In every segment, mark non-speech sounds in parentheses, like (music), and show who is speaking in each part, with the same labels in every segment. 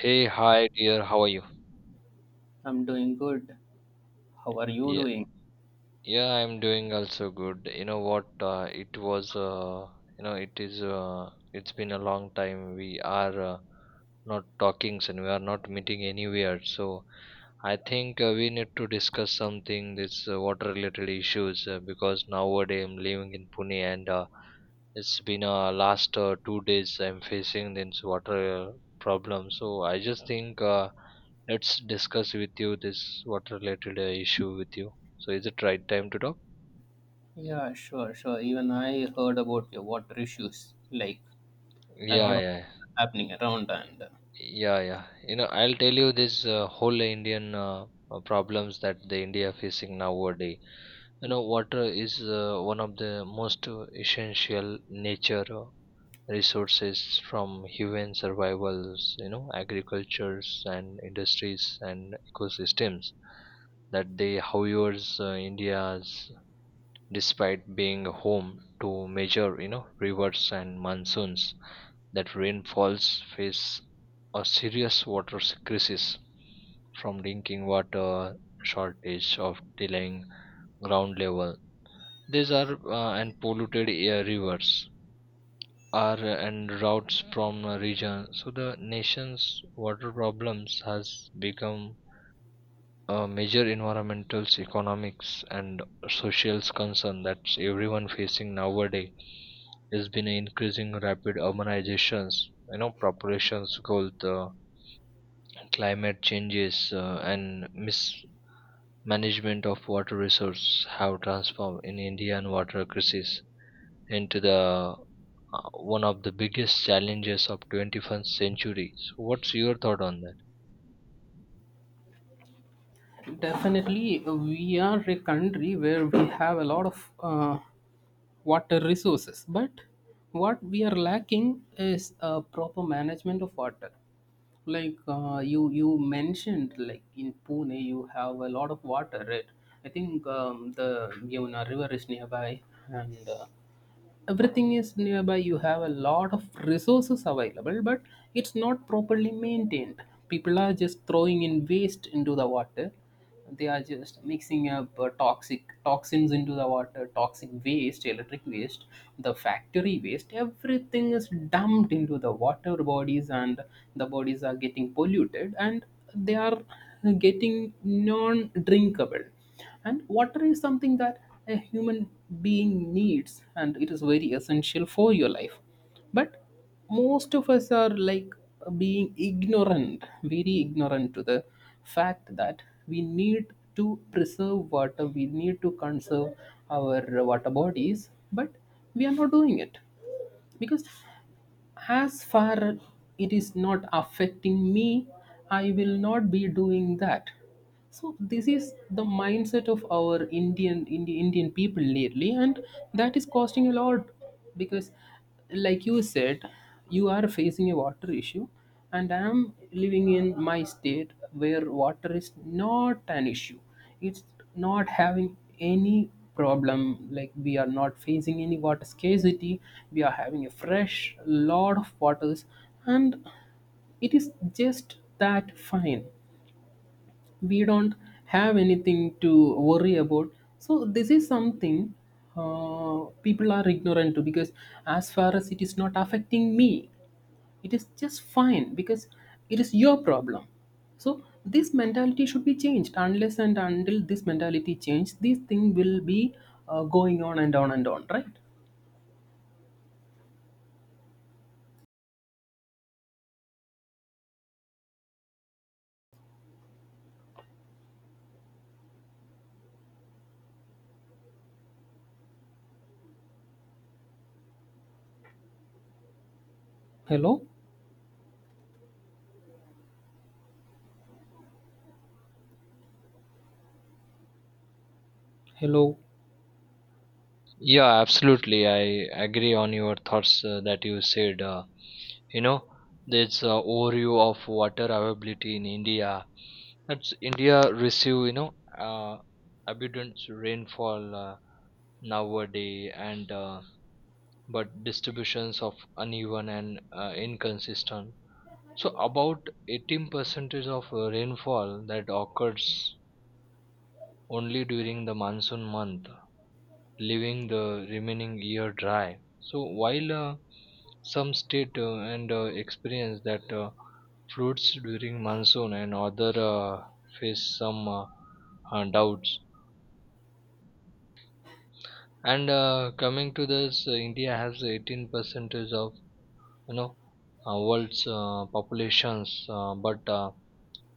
Speaker 1: Hey, hi dear, how are you?
Speaker 2: I'm doing good. How are you
Speaker 1: Yeah,
Speaker 2: doing?
Speaker 1: yeah, I'm doing also good. You know what? It was, you know, it is, It's been a long time. We are not talking and we are not meeting anywhere. So I think we need to discuss something this water related issues because nowadays I'm living in Pune and it's been last 2 days I'm facing this water uh, problem. So I just think let's discuss with you this water related issue with you. So is it right time to talk?
Speaker 2: Yeah, sure, sure. Even I heard about your water issues, like a lot
Speaker 1: Yeah,
Speaker 2: of
Speaker 1: yeah,
Speaker 2: happening around, and
Speaker 1: yeah, yeah. You know, I'll tell you this whole Indian problems that the India facing nowadays. You know, water is one of the most essential nature resources from human survivals, you know, agricultures and industries and ecosystems that they, however, India's despite being home to major, you know, rivers and monsoons that rainfalls face a serious water crisis from drinking water shortage of delaying ground level. These are and polluted air rivers are and routes from a region. So the nation's water problems has become a major environmental, economics, and social concern that everyone facing nowadays. There's been an increasing rapid urbanizations, you know, populations growth, climate changes, and mismanagement of water resource have transformed in Indian water crisis into the one of the biggest challenges of 21st century. So what's your thought on that?
Speaker 2: definitely we are a country where we have a lot of water resources, but what we are lacking is a proper management of water. Like you mentioned, like in Pune, you have a lot of water, right? I think the Yamuna River is nearby, and everything is nearby. You have a lot of resources available, but it's not properly maintained. People are just throwing in waste into the water. They are just mixing up toxic toxins into the water, toxic waste, electric waste, the factory waste, everything is dumped into the water bodies, and the bodies are getting polluted, and they are getting non drinkable. And water is something that a human being needs, and it is very essential for your life, but most of us are like being ignorant, very ignorant to the fact that we need to preserve water, we need to conserve our water bodies, but we are not doing it because as far it is not affecting me, I will not be doing that. So this is the mindset of our Indian people lately, and that is costing a lot because, like you said, you are facing a water issue, and I'm living in my state where water is not an issue. It's not having any problem. Like, we are not facing any water scarcity. We are having a fresh lot of waters, and it is just that fine. We don't have anything to worry about. So this is something people are ignorant to because as far as it is not affecting me, it is just fine because it is your problem. So this mentality should be changed. Unless and until this mentality changes, this thing will be going on and on and on, right? Hello? Hello?
Speaker 1: Yeah, absolutely, I agree on your thoughts that you said. You know, there's a overview of water availability in India. That's India receive, you know, uh, abundant rainfall nowadays, and but distributions of uneven and inconsistent. So about 18% of rainfall that occurs only during the monsoon month, leaving the remaining year dry. So while some state and experience that floods during monsoon and other face some doubts. And coming to this, India has 18 percentage of, you know, world's populations, but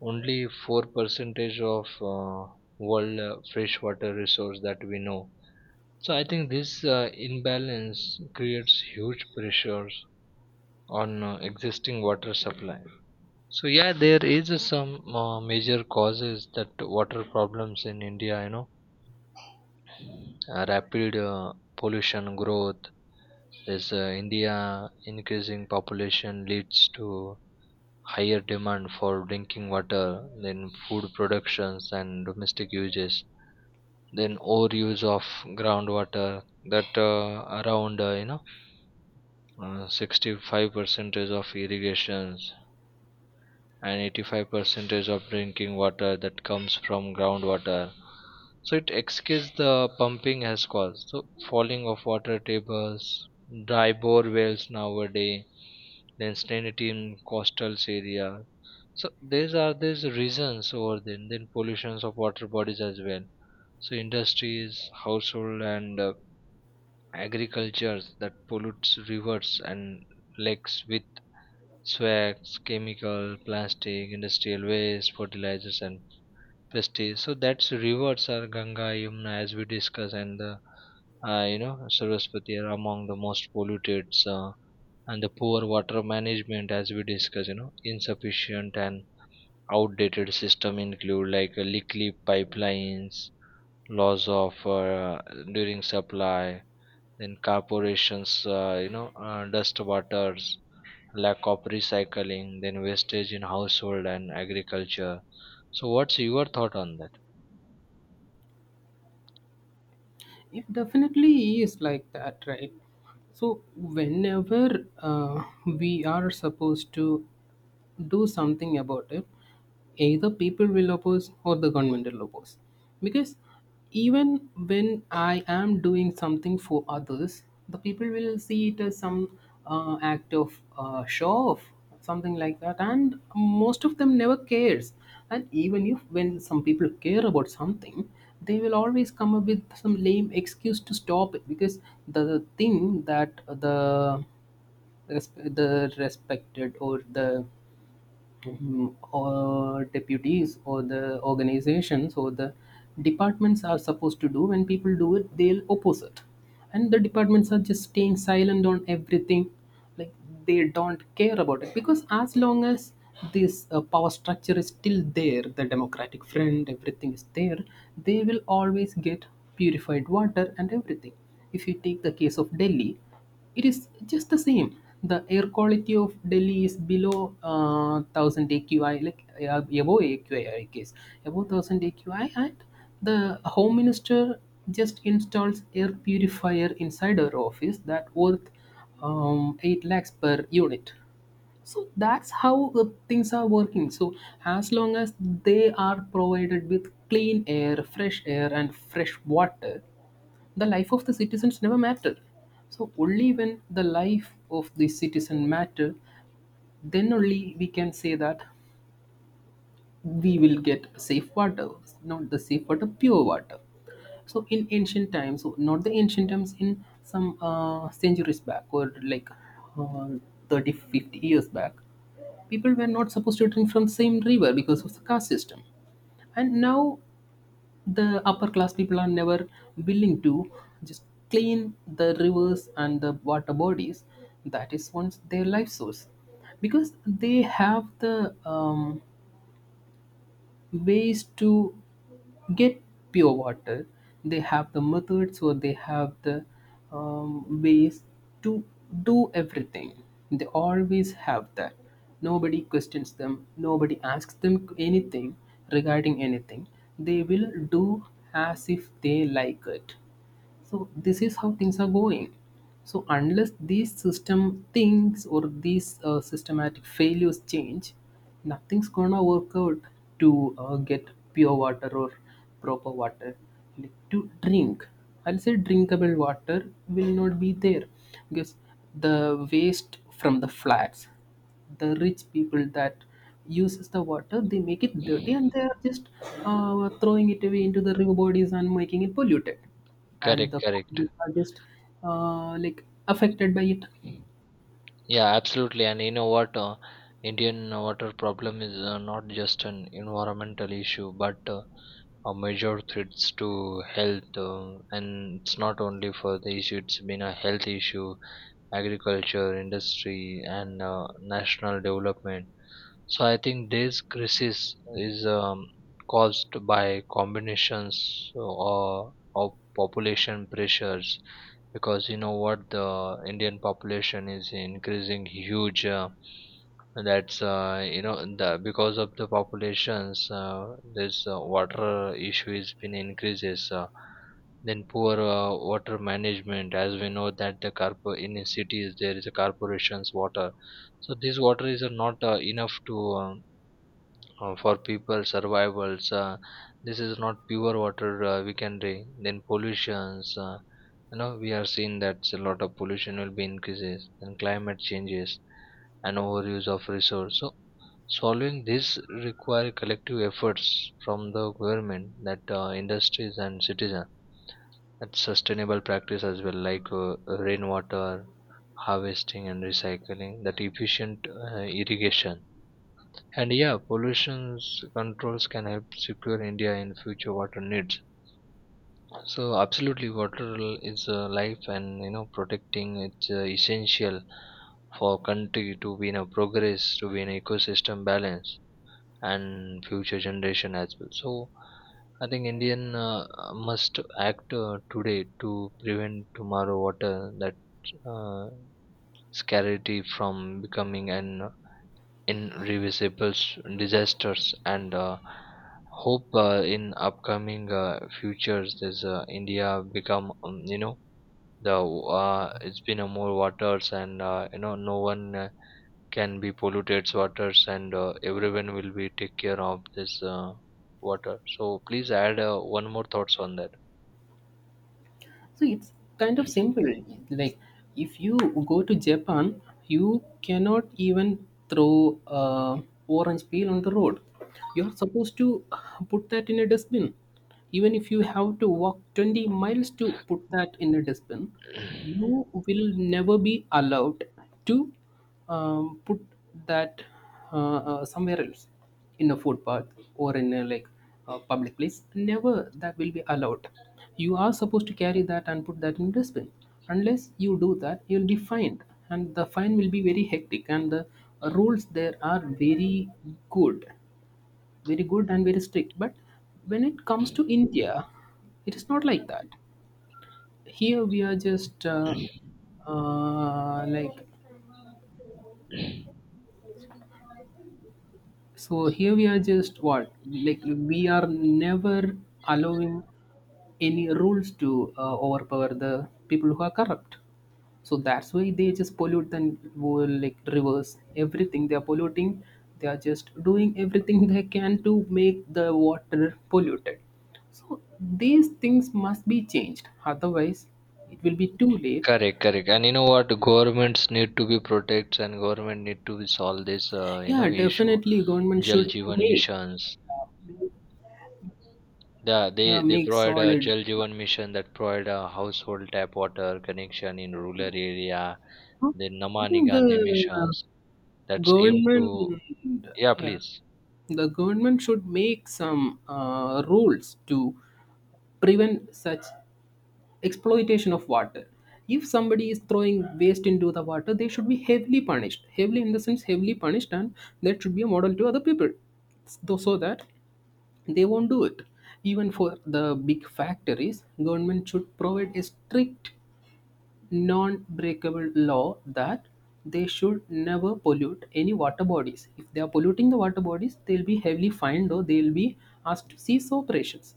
Speaker 1: only four percentage of uh, world freshwater resource that we know. So I think this imbalance creates huge pressures on existing water supply. So yeah, there is some major causes that water problems in India. You know, rapid pollution growth is India increasing population leads to higher demand for drinking water, then food productions and domestic uses, then overuse of groundwater that around you know, 65% of irrigations and 85% of drinking water that comes from groundwater. So it excuses the pumping has caused. So falling of water tables, dry bore wells nowadays, then salinity in coastal area. So these are these reasons over there. And then pollutions of water bodies as well. So industries, household, and agriculture that pollutes rivers and lakes with swags, chemical, plastic, industrial waste, fertilizers, and pesticides. So that's rivers are Ganga, Yamuna, as we discussed, and the you know, Saraswati are among the most polluted. And the poor water management, as we discussed, you know, insufficient and outdated system include like leaky pipelines, loss of during supply, then corporations, you know, dust waters, lack of recycling, then wastage in household and agriculture. So what's your thought on that?
Speaker 2: It definitely is like that, right? So, whenever we are supposed to do something about it, either people will oppose or the government will oppose. Because even when I am doing something for others, the people will see it as some act of show off, something like that, and most of them never cares. And even if when some people care about something, they will always come up with some lame excuse to stop it because the thing that the respected or the or deputies or the organizations or the departments are supposed to do, when people do it, they'll oppose it, and the departments are just staying silent on everything. Like, they don't care about it because as long as this power structure is still there, the democratic front, everything is there, they will always get purified water and everything. If you take the case of Delhi, it is just the same. The air quality of Delhi is below 1000 AQI, like above AQI, I guess, above 1000 AQI. And the home minister just installs air purifier inside her office that worth 8 lakhs per unit. So that's how things are working. So as long as they are provided with clean air, fresh air, and fresh water, the life of the citizens never matter. So only when the life of the citizen matter, then only we can say that we will get safe water, not the safe water, pure water. So in ancient times, so not the ancient times, in some centuries back, or like uh, 30 50 years back, people were not supposed to drink from the same river because of the caste system. And now the upper class people are never willing to just clean the rivers and the water bodies that is once their life source because they have the ways to get pure water. They have the methods, or they have the ways to do everything. They always have that. Nobody questions them, nobody asks them anything regarding anything. They will do as if they like it. So this is how things are going. So unless these system things or these systematic failures change, nothing's gonna work out to get pure water or proper water, like, to drink. I'll say drinkable water will not be there because the waste from the flats, the rich people that uses the water, they make it dirty, and they are just throwing it away into the river bodies and making it polluted. And
Speaker 1: Correct,
Speaker 2: the
Speaker 1: correct.
Speaker 2: people are just like affected by it.
Speaker 1: Yeah, absolutely. And you know what, Indian water problem is not just an environmental issue but are major threats to health, and it's not only for the issue, it's been a health issue, agriculture, industry, and national development. So I think this crisis is caused by combinations or of population pressures because you know what, the Indian population is increasing huge. That's you know the because of the populations, this water issue has been increases. Then poor water management, as we know that the carpo in the cities there is a corporation's water, so this water is not enough to for people survivals. This is not pure water we can drink. Then pollutions, you know, we are seeing that a lot of pollution will be increases and climate changes and overuse of resource. So solving this require collective efforts from the government, that industries and citizens and sustainable practice as well, like rainwater harvesting and recycling, that efficient irrigation and yeah, pollution controls can help secure India in future water needs. So absolutely, is life, and you know, protecting it's essential for country to be in a progress, to be in ecosystem balance and future generation as well. So I think Indian, must act today to prevent tomorrow water that uh, scarcity from becoming an disasters. And hope in upcoming futures this India become you know, the it's been a more waters, and you know, no one can be polluted waters, and everyone will be take care of this water. So please add one more thoughts on that.
Speaker 2: So it's kind of simple. Like, if you go to Japan, you cannot even throw orange peel on the road. You're supposed to put that in a dustbin. Even if you have to walk 20 miles to put that in a dustbin,
Speaker 1: (clears throat)
Speaker 2: you will never be allowed to put that somewhere else, in a footpath or in a like a public place. Never, that will be allowed. You are supposed to carry that and put that in dustbin. Unless you do that, you will be fined. And the fine will be very hectic, and the rules there are very good, very good and very strict. But when it comes to India, it is not like that. Here we are just like. So here we are just, what, like, we are never allowing any rules to overpower the people who are corrupt. So that's why they just pollute the will, like rivers, everything they are polluting. They are just doing everything (laughs) they can to make the water polluted. So these things must be changed. Otherwise, it will be too late.
Speaker 1: Correct, correct. And you know what, governments need to be protects, and government need to be solve this you know
Speaker 2: Yeah,
Speaker 1: issue.
Speaker 2: definitely government
Speaker 1: Jal
Speaker 2: should
Speaker 1: Jeevan
Speaker 2: make,
Speaker 1: missions, the,
Speaker 2: yeah,
Speaker 1: they they
Speaker 2: make
Speaker 1: provide a
Speaker 2: solid.
Speaker 1: Jal Jeevan mission that provide a household tap water connection in rural area.
Speaker 2: Huh?
Speaker 1: The
Speaker 2: I
Speaker 1: Namani
Speaker 2: think
Speaker 1: Gandhi
Speaker 2: the
Speaker 1: missions, that's aimed
Speaker 2: government,
Speaker 1: to, yeah,
Speaker 2: yeah,
Speaker 1: please.
Speaker 2: the government should make some rules to prevent such exploitation of water. If somebody is throwing waste into the water, they should be heavily punished. Heavily in the sense heavily punished, and that should be a model to other people, so that they won't do it. Even for the big factories, government should provide a strict non-breakable law that they should never pollute any water bodies. If they are polluting the water bodies, they'll be heavily fined, or they'll be asked to cease operations.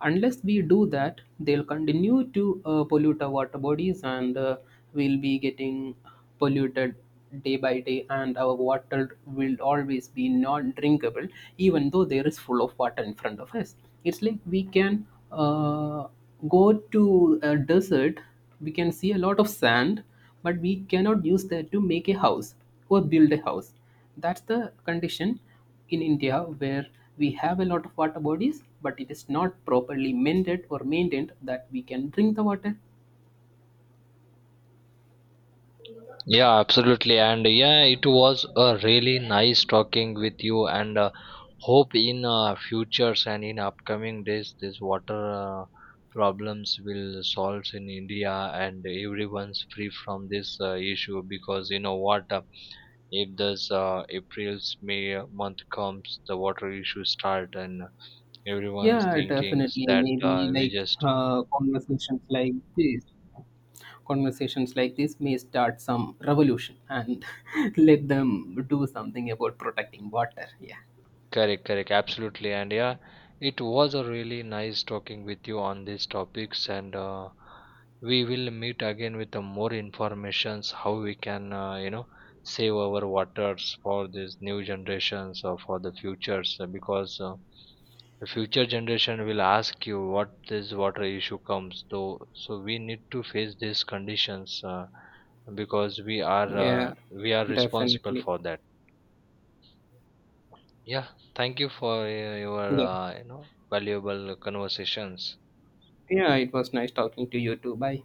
Speaker 2: Unless we do that, they'll continue to pollute our water bodies, and we'll be getting polluted day by day, and our water will always be non drinkable, even though there is full of water in front of us. It's like we can uh, go to a desert, we can see a lot of sand, but we cannot use that to make a house or build a house. That's the condition in India, where we have a lot of water bodies, but it is not properly mended or maintained, that we can drink the water.
Speaker 1: Yeah, absolutely. And yeah, it was a really nice talking with you. And hope in futures and in upcoming days, this water problems will solve in India and everyone's free from this issue, because you know what, if this April's May month comes, the water issue start and everyone's
Speaker 2: Yeah,
Speaker 1: thinking
Speaker 2: definitely,
Speaker 1: that
Speaker 2: maybe
Speaker 1: we
Speaker 2: like
Speaker 1: just.
Speaker 2: uh, conversations like this conversations like this may start some revolution, and (laughs) let them do something about protecting water. Yeah.
Speaker 1: Correct, correct, absolutely. And yeah, it was a really nice talking with you on these topics. And we will meet again with the more informations how we can, you know, save our waters for these new generations or for the futures. Because the future generation will ask you what this water issue comes though. So we need to face these conditions because
Speaker 2: Yeah,
Speaker 1: we are responsible
Speaker 2: definitely.
Speaker 1: for that. Yeah, thank you for your
Speaker 2: Yeah.
Speaker 1: you know valuable conversations.
Speaker 2: Yeah, it was nice talking to you too. Bye.